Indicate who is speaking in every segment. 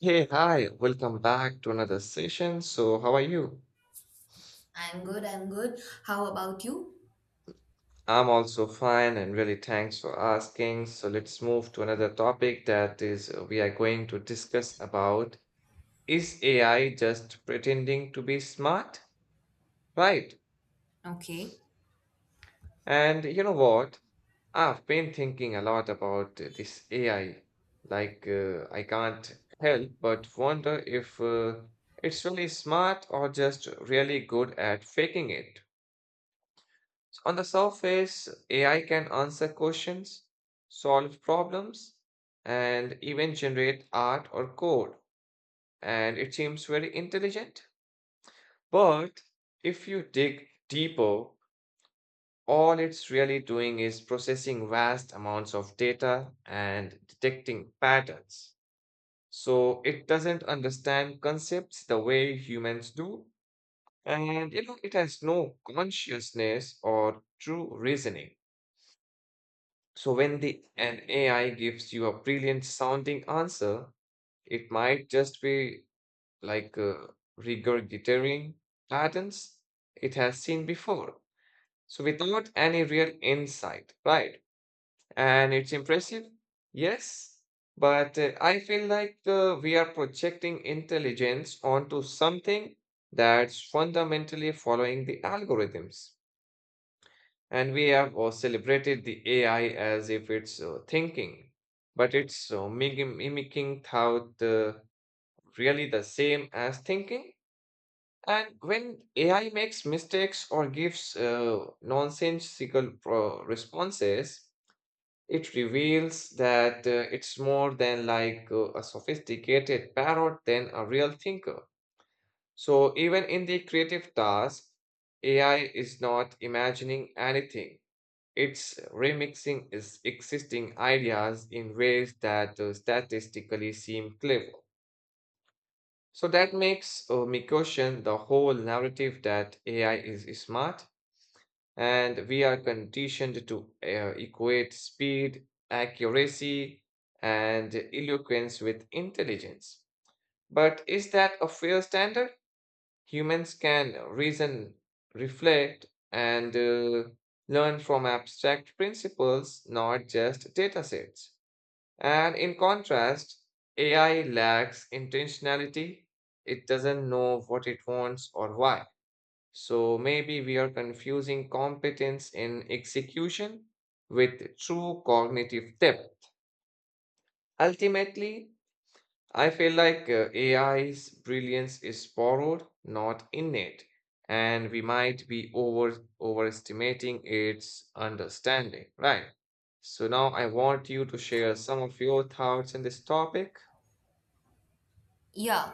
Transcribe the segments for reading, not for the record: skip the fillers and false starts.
Speaker 1: Hey, hi, welcome back to another session. So, how are you?
Speaker 2: I'm good, I'm good. How about you?
Speaker 1: I'm also fine and really thanks for asking. So, let's move to another topic. That is, we are going to discuss about is AI just pretending to be smart? Right.
Speaker 2: Okay.
Speaker 1: And you know what? I've been thinking a lot about this AI. I can't help but wonder if it's really smart or just really good at faking it. So on the surface, AI can answer questions, solve problems, and even generate art or code, and it seems very intelligent. But if you dig deeper, all it's really doing is processing vast amounts of data and detecting patterns. So it doesn't understand concepts the way humans do. And you know, it has no consciousness or true reasoning. So when the an AI gives you a brilliant sounding answer, it might just be like uh, regurgitating patterns it has seen before, so without any real insight, right? And it's impressive, yes, but I feel like we are projecting intelligence onto something that's fundamentally following the algorithms. And we have celebrated the AI as if it's thinking, but it's mimicking thought really the same as thinking. And when AI makes mistakes or gives responses, it reveals that it's more than a sophisticated parrot than a real thinker. So even in the creative task, AI is not imagining anything, it's remixing is existing ideas in ways that statistically seem clever. So that makes me question the whole narrative that AI is smart, and we are conditioned to equate speed, accuracy, and eloquence with intelligence. But is that a fair standard? Humans can reason, reflect, and learn from abstract principles, not just data sets. And in contrast, AI lacks intentionality. It doesn't know what it wants or why. So maybe we are confusing competence in execution with true cognitive depth. Ultimately, I feel like AI's brilliance is borrowed, not innate, and we might be overestimating its understanding, right? So now I want you to share some of your thoughts on this topic.
Speaker 2: Yeah,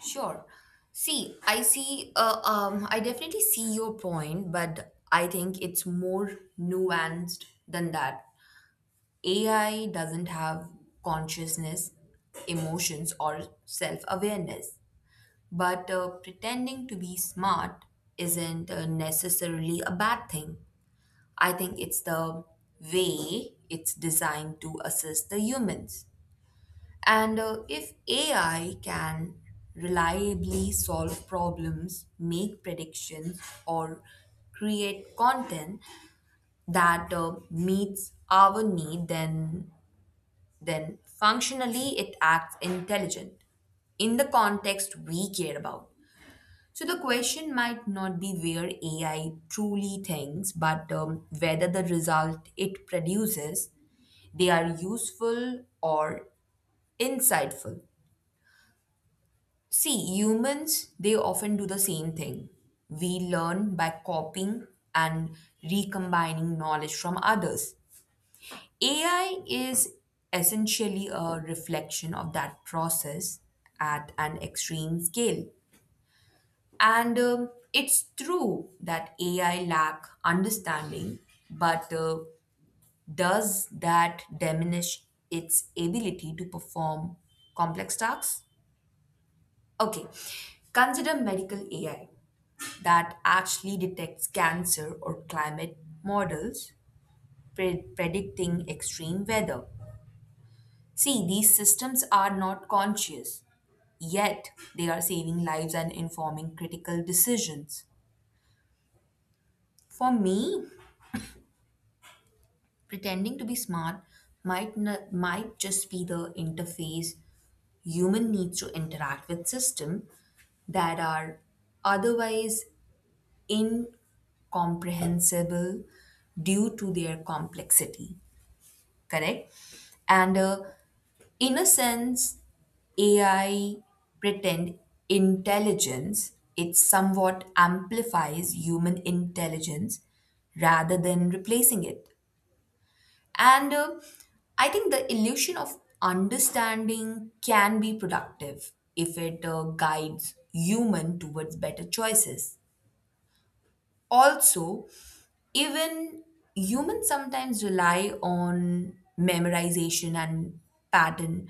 Speaker 2: sure. I definitely see your point, but I think it's more nuanced than that. AI doesn't have consciousness, emotions, or self awareness, but pretending to be smart isn't necessarily a bad thing. I think it's the way it's designed to assist the humans. And if AI can reliably solve problems, make predictions, or create content that meets our need, then functionally it acts intelligent in the context we care about. So the question might not be where AI truly thinks, but whether the result it produces they are useful or insightful. See, humans, they often do the same thing. We learn by copying and recombining knowledge from others. AI is essentially a reflection of that process at an extreme scale. And it's true that AI lack understanding, but does that diminish its ability to perform complex tasks? Okay, consider medical AI that actually detects cancer or climate models predicting extreme weather. See, these systems are not conscious, yet they are saving lives and informing critical decisions. For me, pretending to be smart might just be the interface human needs to interact with system that are otherwise incomprehensible due to their complexity, correct? And in a sense, AI pretend intelligence, it somewhat amplifies human intelligence rather than replacing it. And I think the illusion of understanding can be productive if it guides human towards better choices. Also, even humans sometimes rely on memorization and pattern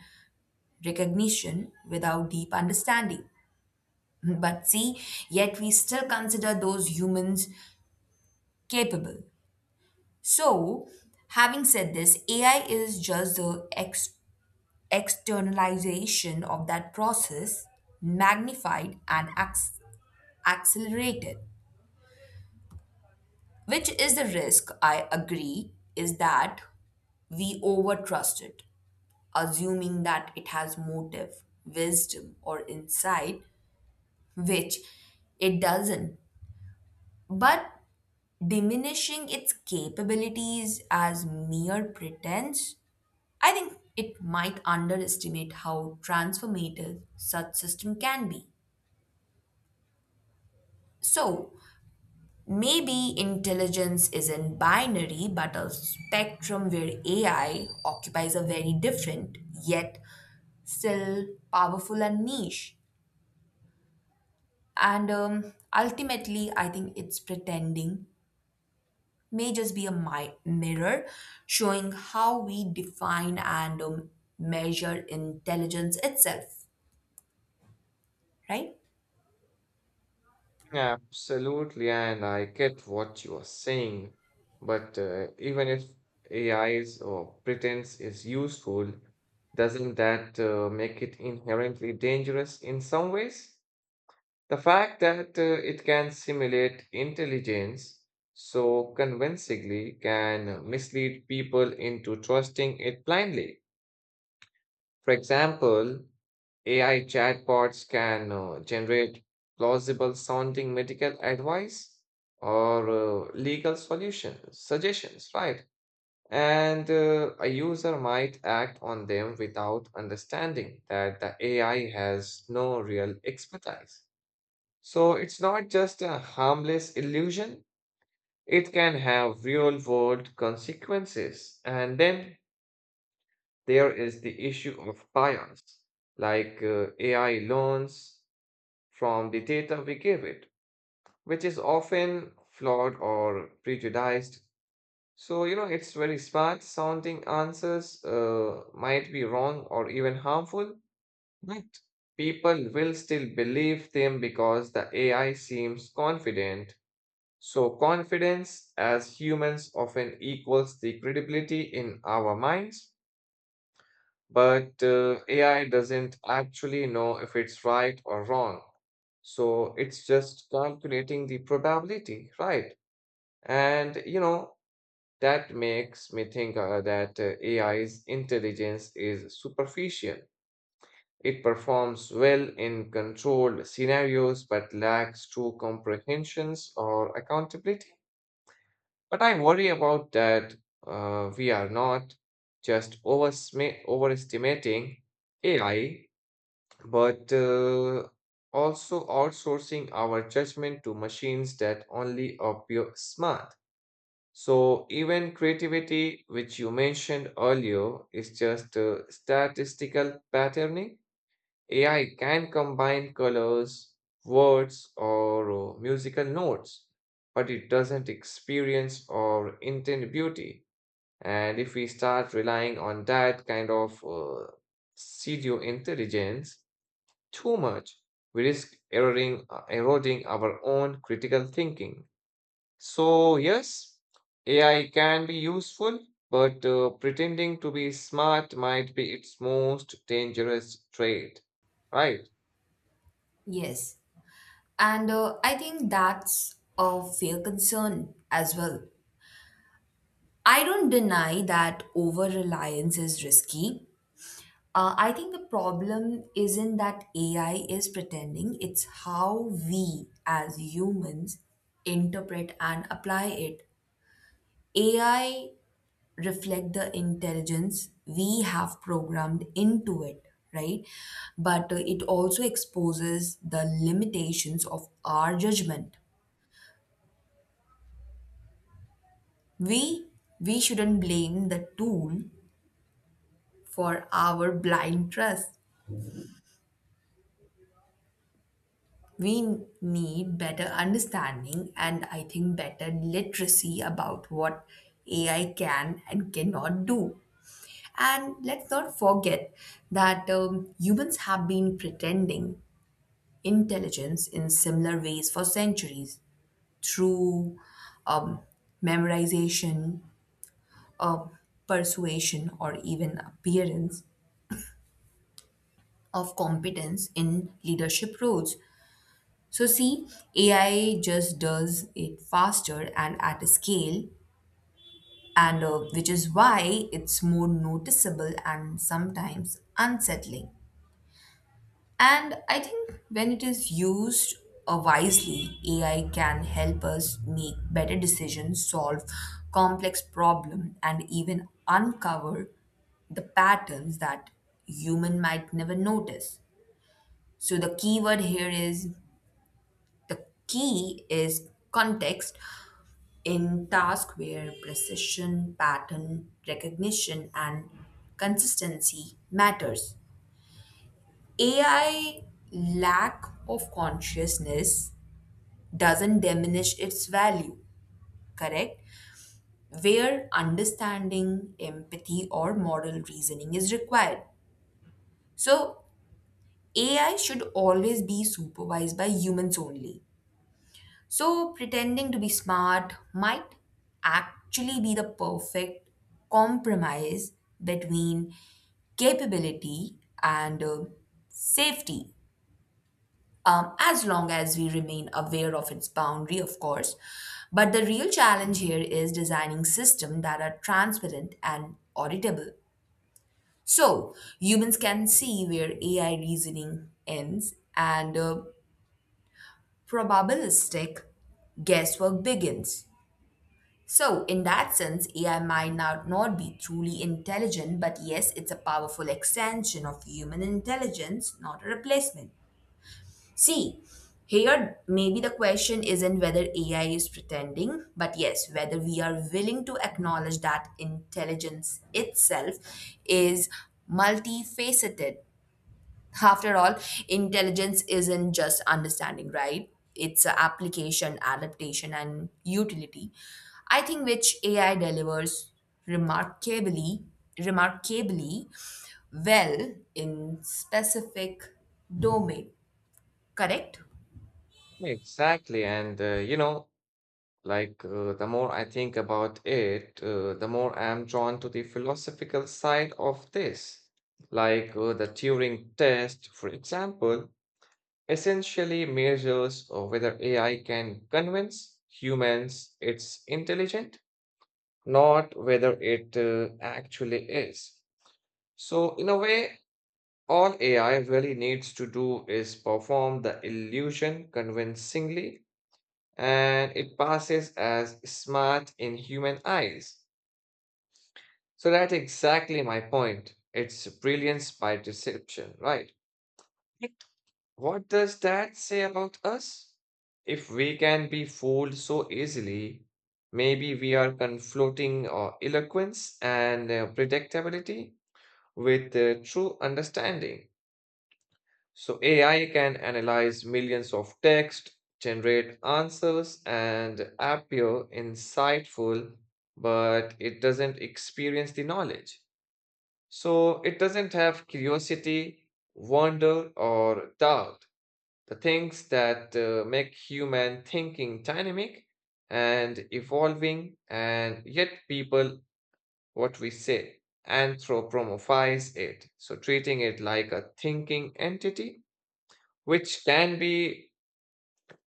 Speaker 2: recognition without deep understanding. But see, yet we still consider those humans capable. So, having said this, AI is just the externalization of that process, magnified and accelerated, which is the risk I agree is that we overtrust it, assuming that it has motive, wisdom, or insight, which it doesn't. But diminishing its capabilities as mere pretense, I think it might underestimate how transformative such system can be. So, maybe intelligence isn't binary but a spectrum where AI occupies a very different yet still powerful and niche. And ultimately, I think it's pretending may just be a mirror showing how we define and measure intelligence itself, right?
Speaker 1: Absolutely, and I get what you are saying, but even if AI's or pretense is useful, doesn't that make it inherently dangerous in some ways? The fact that it can simulate intelligence so convincingly can mislead people into trusting it blindly. For example, AI chatbots can generate plausible sounding medical advice or legal solutions, suggestions, right? And a user might act on them without understanding that the AI has no real expertise. So it's not just a harmless illusion, it can have real world consequences. And then there is the issue of bias, AI learns from the data we give it, which is often flawed or prejudiced. So, you know, it's very smart sounding answers might be wrong or even harmful, but people will still believe them because the AI seems confident. So, confidence as humans often equals the credibility in our minds, but AI doesn't actually know if it's right or wrong. So, it's just calculating the probability, right? And you know, that makes me think that AI's intelligence is superficial. It performs well in controlled scenarios but lacks true comprehensions or accountability. But I worry about that we are not just overestimating AI, but also outsourcing our judgment to machines that only appear smart. So even creativity, which you mentioned earlier, is just statistical patterning. AI can combine colors, words, or musical notes, but it doesn't experience or intend beauty. And if we start relying on that kind of pseudo intelligence too much, we risk eroding our own critical thinking. So, yes, AI can be useful, but pretending to be smart might be its most dangerous trait, right?
Speaker 2: Yes. And I think that's a fair concern as well. I don't deny that over reliance is risky. I think the problem isn't that AI is pretending, it's how we as humans interpret and apply it. AI reflect the intelligence we have programmed into it, right? But it also exposes the limitations of our judgment. We we shouldn't blame the tool for our blind trust. We need better understanding and I think better literacy about what AI can and cannot do. And let's not forget that humans have been pretending intelligence in similar ways for centuries through um, memorization, uh, persuasion, or even appearance of competence in leadership roles. So, see, AI just does it faster and at a scale, and which is why it's more noticeable and sometimes unsettling. And I think when it is used wisely, AI can help us make better decisions, solve complex problems, and even uncover the patterns that human might never notice. So the key is context in task where precision, pattern recognition, and consistency matters. AI lack of consciousness doesn't diminish its value, correct? Where understanding, empathy, or moral reasoning is required. So, AI should always be supervised by humans only. So, pretending to be smart might actually be the perfect compromise between capability and safety, as long as we remain aware of its boundary, of course. But the real challenge here is designing systems that are transparent and auditable. So humans can see where AI reasoning ends and probabilistic guesswork begins. So, in that sense, AI might not be truly intelligent, but yes, it's a powerful extension of human intelligence, not a replacement. See, here maybe the question isn't whether AI is pretending, but yes, whether we are willing to acknowledge that intelligence itself is multifaceted. After all, intelligence isn't just understanding, right? It's a application, adaptation, and utility. I think which AI delivers remarkably, remarkably well in specific domain. Correct?
Speaker 1: Exactly. And, you know, the more I think about it, the more I'm drawn to the philosophical side of this. The Turing test, for example, essentially measures whether AI can convince humans it's intelligent, not whether it actually is. So, in a way, all AI really needs to do is perform the illusion convincingly, and it passes as smart in human eyes. So that's exactly my point. It's brilliance by deception, right? What does that say about us? If we can be fooled so easily, maybe we are conflating eloquence and predictability with true understanding. So AI can analyze millions of text, generate answers, and appear insightful, but it doesn't experience the knowledge. So it doesn't have curiosity, wonder, or doubt, the things that make human thinking dynamic and evolving, and yet people, what we say, anthropomorphize it. So treating it like a thinking entity which can be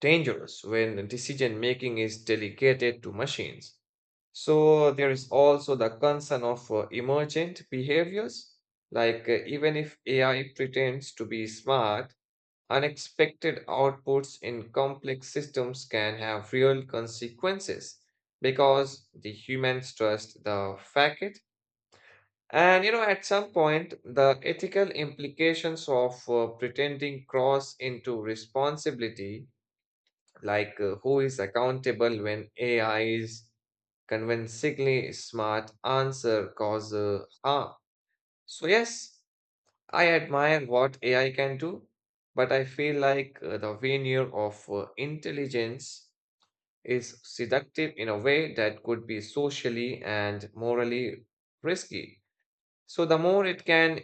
Speaker 1: dangerous when decision making is delegated to machines. So, there is also the concern of emergent behaviors, even if AI pretends to be smart, unexpected outputs in complex systems can have real consequences because the humans trust the fact. And you know, at some point, the ethical implications of pretending cross into responsibility, who is accountable when AI's convincingly smart answer cause harm. So yes, I admire what AI can do, but I feel like the veneer of intelligence is seductive in a way that could be socially and morally risky. So the more it can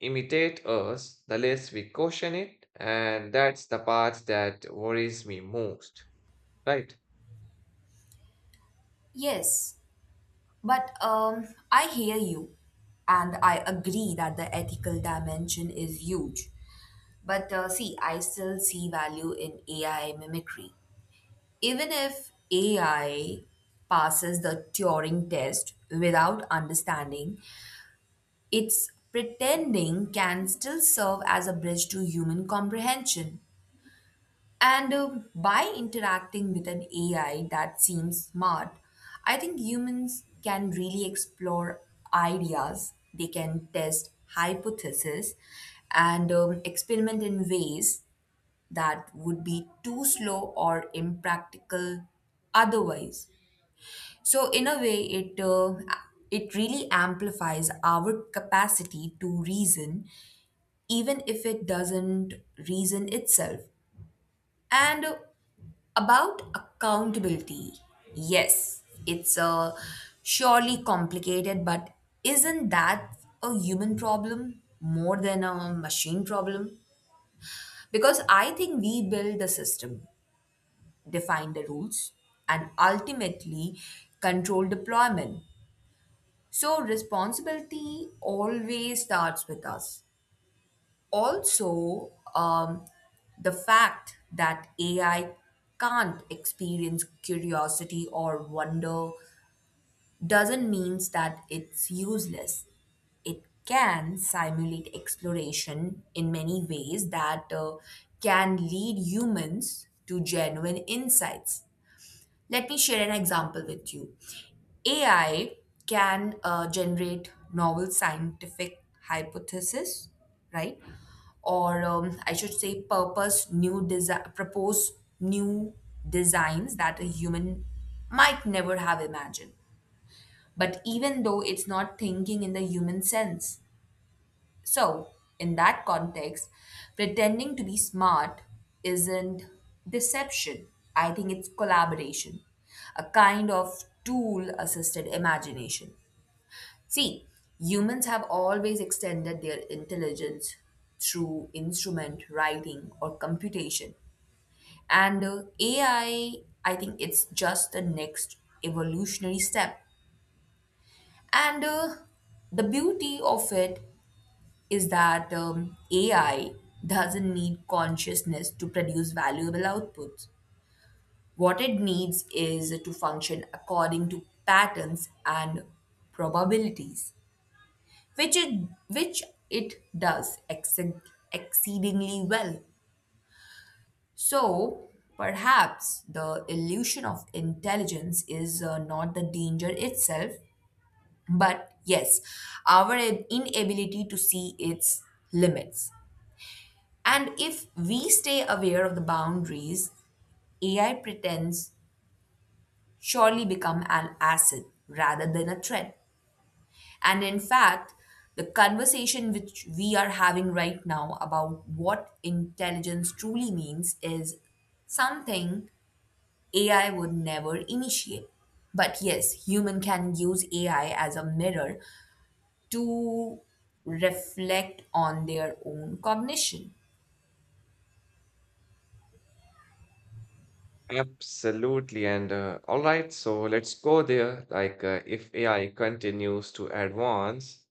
Speaker 1: imitate us, the less we caution it, and that's the part that worries me most, right?
Speaker 2: Yes, but I hear you, and I agree that the ethical dimension is huge. But see, I still see value in AI mimicry. Even if AI passes the Turing test without understanding, its pretending can still serve as a bridge to human comprehension. And by interacting with an AI that seems smart, I think humans can really explore ideas, they can test hypotheses, and experiment in ways that would be too slow or impractical otherwise. So, in a way, it really amplifies our capacity to reason, even if it doesn't reason itself. And about accountability, yes, it's a surely complicated, but isn't that a human problem more than a machine problem? Because I think we build the system, define the rules, and ultimately control deployment. So responsibility always starts with us. Also, the fact that AI can't experience curiosity or wonder doesn't mean that it's useless. It can simulate exploration in many ways that can lead humans to genuine insights. Let me share an example with you. AI can generate novel scientific hypothesis, right? Or I should say, purpose new design, propose new designs that a human might never have imagined. But even though it's not thinking in the human sense, so, in that context, pretending to be smart isn't deception. I think it's collaboration, a kind of tool assisted imagination. See, humans have always extended their intelligence through instrument writing or computation. And AI, I think it's just the next evolutionary step. And the beauty of it is that AI doesn't need consciousness to produce valuable outputs. What it needs is to function according to patterns and probabilities, which it does exceedingly well. So, perhaps the illusion of intelligence is not the danger itself, but yes, our inability to see its limits. And if we stay aware of the boundaries AI pretends surely become an asset rather than a threat. And in fact, the conversation which we are having right now about what intelligence truly means is something AI would never initiate. But yes, human can use AI as a mirror to reflect on their own cognition.
Speaker 1: Absolutely. And all right, so let's go there. If AI continues to advance,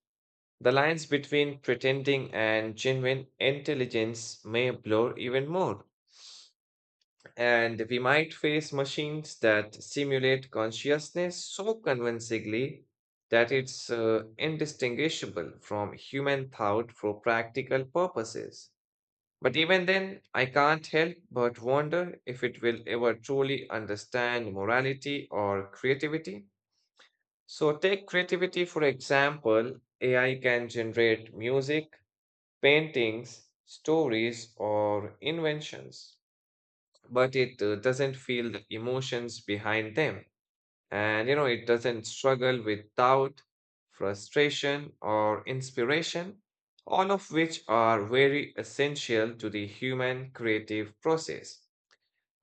Speaker 1: the lines between pretending and genuine intelligence may blur even more. And we might face machines that simulate consciousness so convincingly that it's indistinguishable from human thought for practical purposes. But even then, I can't help but wonder if it will ever truly understand morality or creativity. So, take creativity for example, AI can generate music, paintings, stories, or inventions, but it doesn't feel the emotions behind them, and you know it doesn't struggle with doubt, frustration, or inspiration, all of which are very essential to the human creative process.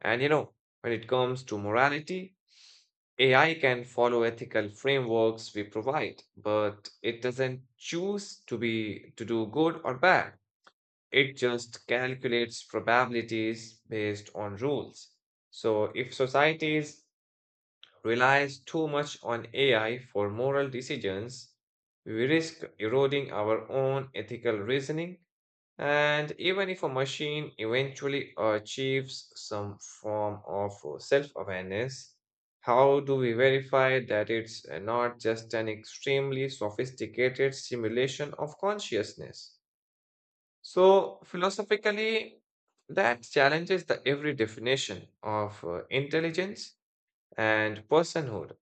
Speaker 1: And you know, when it comes to morality, AI can follow ethical frameworks we provide, but it doesn't choose to be to do good or bad. It just calculates probabilities based on rules. So if societies relies too much on AI for moral decisions, we risk eroding our own ethical reasoning. And even if a machine eventually achieves some form of self awareness, how do we verify that it's not just an extremely sophisticated simulation of consciousness? So, philosophically, that challenges the every definition of intelligence and personhood.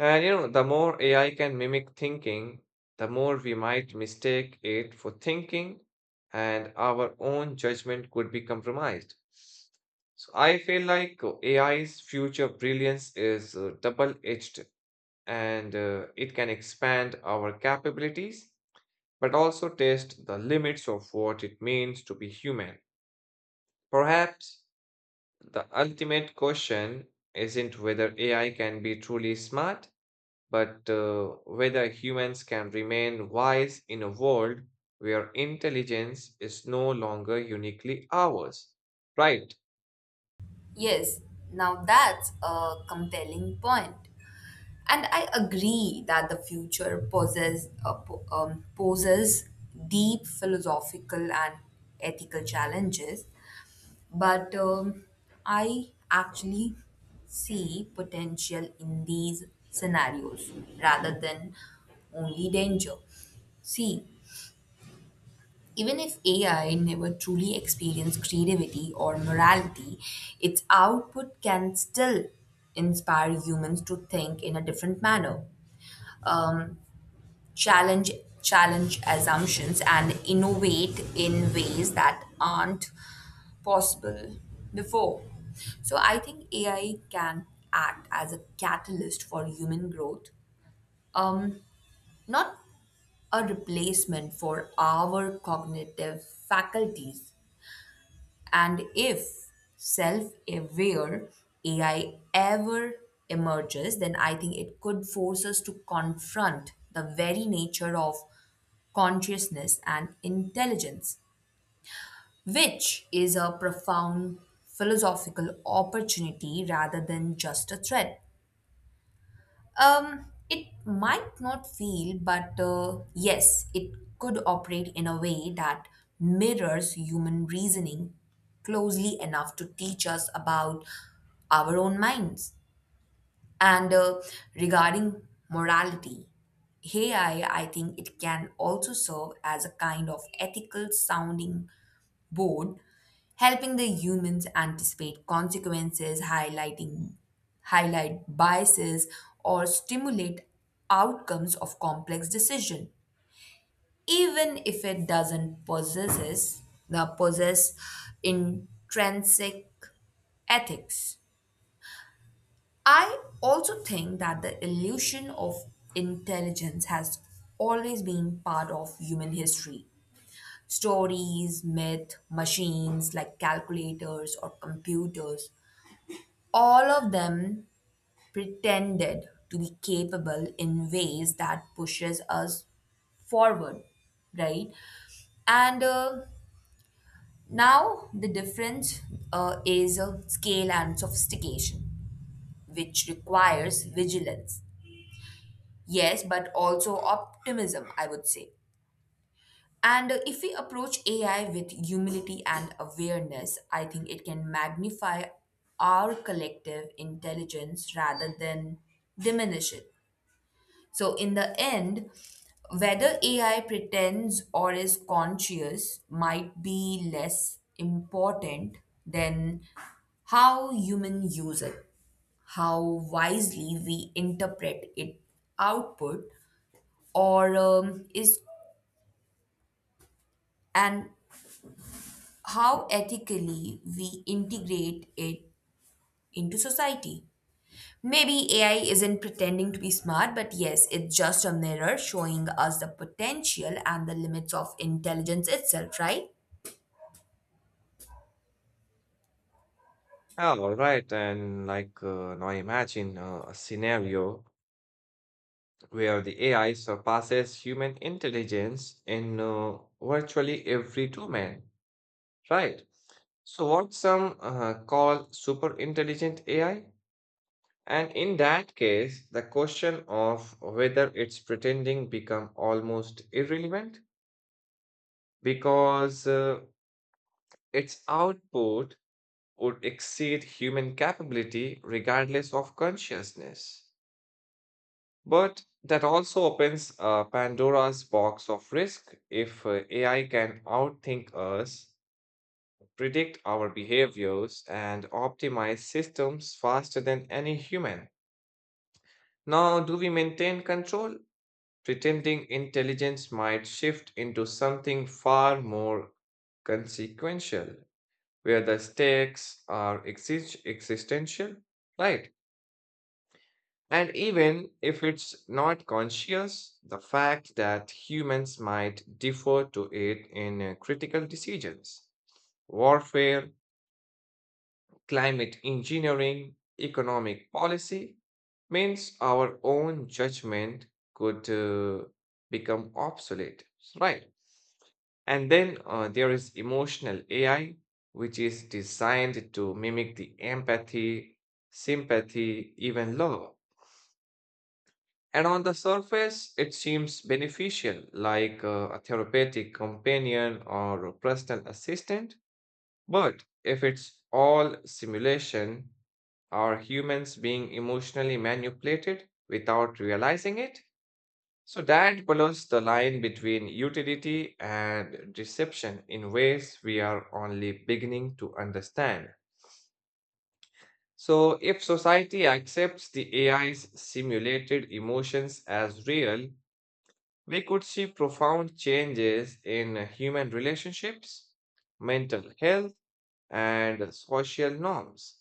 Speaker 1: And you know, the more AI can mimic thinking, the more we might mistake it for thinking, and our own judgment could be compromised. So I feel like AI's future brilliance is double-edged, and it can expand our capabilities, but also test the limits of what it means to be human. Perhaps the ultimate question isn't whether AI can be truly smart, but whether humans can remain wise in a world where intelligence is no longer uniquely ours. Right.
Speaker 2: Yes, now that's a compelling point. And I agree that the future poses deep philosophical and ethical challenges, but I actually see potential in these scenarios rather than only danger. See, even if AI never truly experienced creativity or morality, its output can still inspire humans to think in a different manner, um, challenge challenge assumptions, and innovate in ways that aren't possible before. So I think AI can act as a catalyst for human growth, um, not a replacement for our cognitive faculties. And if self aware AI ever emerges, then I think it could force us to confront the very nature of consciousness and intelligence, which is a profound philosophical opportunity rather than just a threat. It might not feel, but yes, it could operate in a way that mirrors human reasoning closely enough to teach us about our own minds. And regarding morality, AI, I think it can also serve as a kind of ethical sounding board, helping the humans anticipate consequences, highlight biases or stimulate outcomes of complex decision, even if it doesn't possess intrinsic ethics. I also think that the illusion of intelligence has always been part of human history. Stories, myth, machines like calculators or computers, all of them pretended to be capable in ways that pushes us forward, right? And now the difference is scale and sophistication, which requires vigilance. Yes, but also optimism, I would say. And if we approach AI with humility and awareness, I think it can magnify our collective intelligence rather than diminish it. So, in the end, whether AI pretends or is conscious might be less important than how humans use it, how wisely we interpret its output, or is an how ethically we integrate it into society. Maybe AI isn't pretending to be smart, but yes, it's just a mirror showing us the potential and the limits of intelligence itself, right?
Speaker 1: Yeah, all right. And now imagine a scenario where the AI surpasses human intelligence in virtually every domain. Right. So what some call super intelligent AI. And in that case, the question of whether it's pretending become almost irrelevant because its output would exceed human capability regardless of consciousness. But that also opens Pandora's box of risk. If AI can outthink us, predict our behaviors, and optimize systems faster than any human, now, do we maintain control? Pretending intelligence might shift into something far more consequential, where the stakes are existential, right? And even if it's not conscious, the fact that humans might defer to it in critical decisions, warfare, climate engineering, economic policy, means our own judgment could become obsolete, right? And then there is emotional AI, which is designed to mimic the empathy, sympathy, even love. And on the surface, it seems beneficial, a therapeutic companion or a personal assistant. But if it's all simulation, are humans being emotionally manipulated without realizing it? So that blurs the line between utility and deception in ways we are only beginning to understand. So, if society accepts the AI's simulated emotions as real, we could see profound changes in human relationships, mental health, and social norms.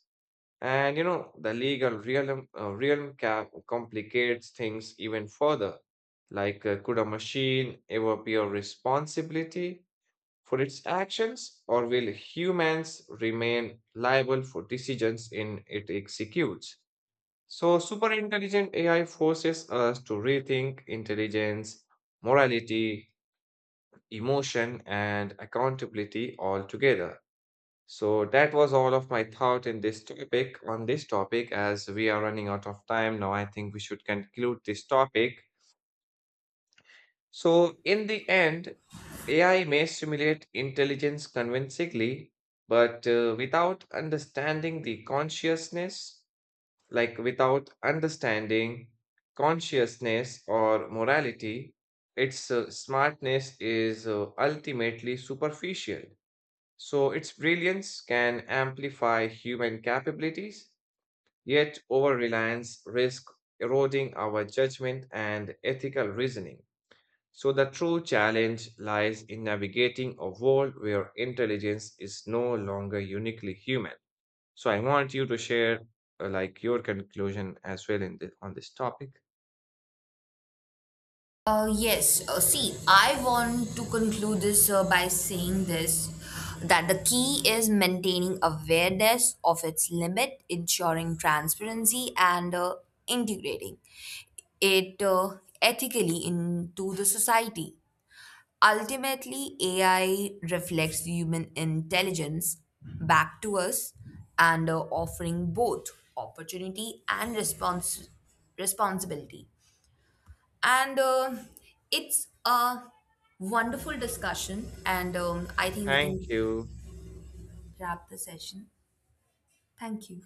Speaker 1: And you know, the legal realm complicates things even further. Could a machine ever bear responsibility for its actions, or will humans remain liable for decisions in it executes? So, superintelligent AI forces us to rethink intelligence, morality, emotion, and accountability all together. So that was all of my thought in this topic on this topic. As we are running out of time now, I think we should conclude this topic. So in the end, AI may simulate intelligence convincingly, but without understanding the consciousness like without understanding consciousness or morality, its smartness is ultimately superficial. So its brilliance can amplify human capabilities, yet over-reliance risk eroding our judgment and ethical reasoning. So the true challenge lies in navigating a world where intelligence is no longer uniquely human. So I want you to share like your conclusion as well on this topic.
Speaker 2: Yes, see, I want to conclude this by saying this that the key is maintaining awareness of its limit, ensuring transparency, and integrating it ethically into the society. Ultimately, AI reflects human intelligence back to us and offering both opportunity and responsibility. And it's a wonderful discussion, and I think we can
Speaker 1: Thank you.
Speaker 2: wrap the session. Thank you.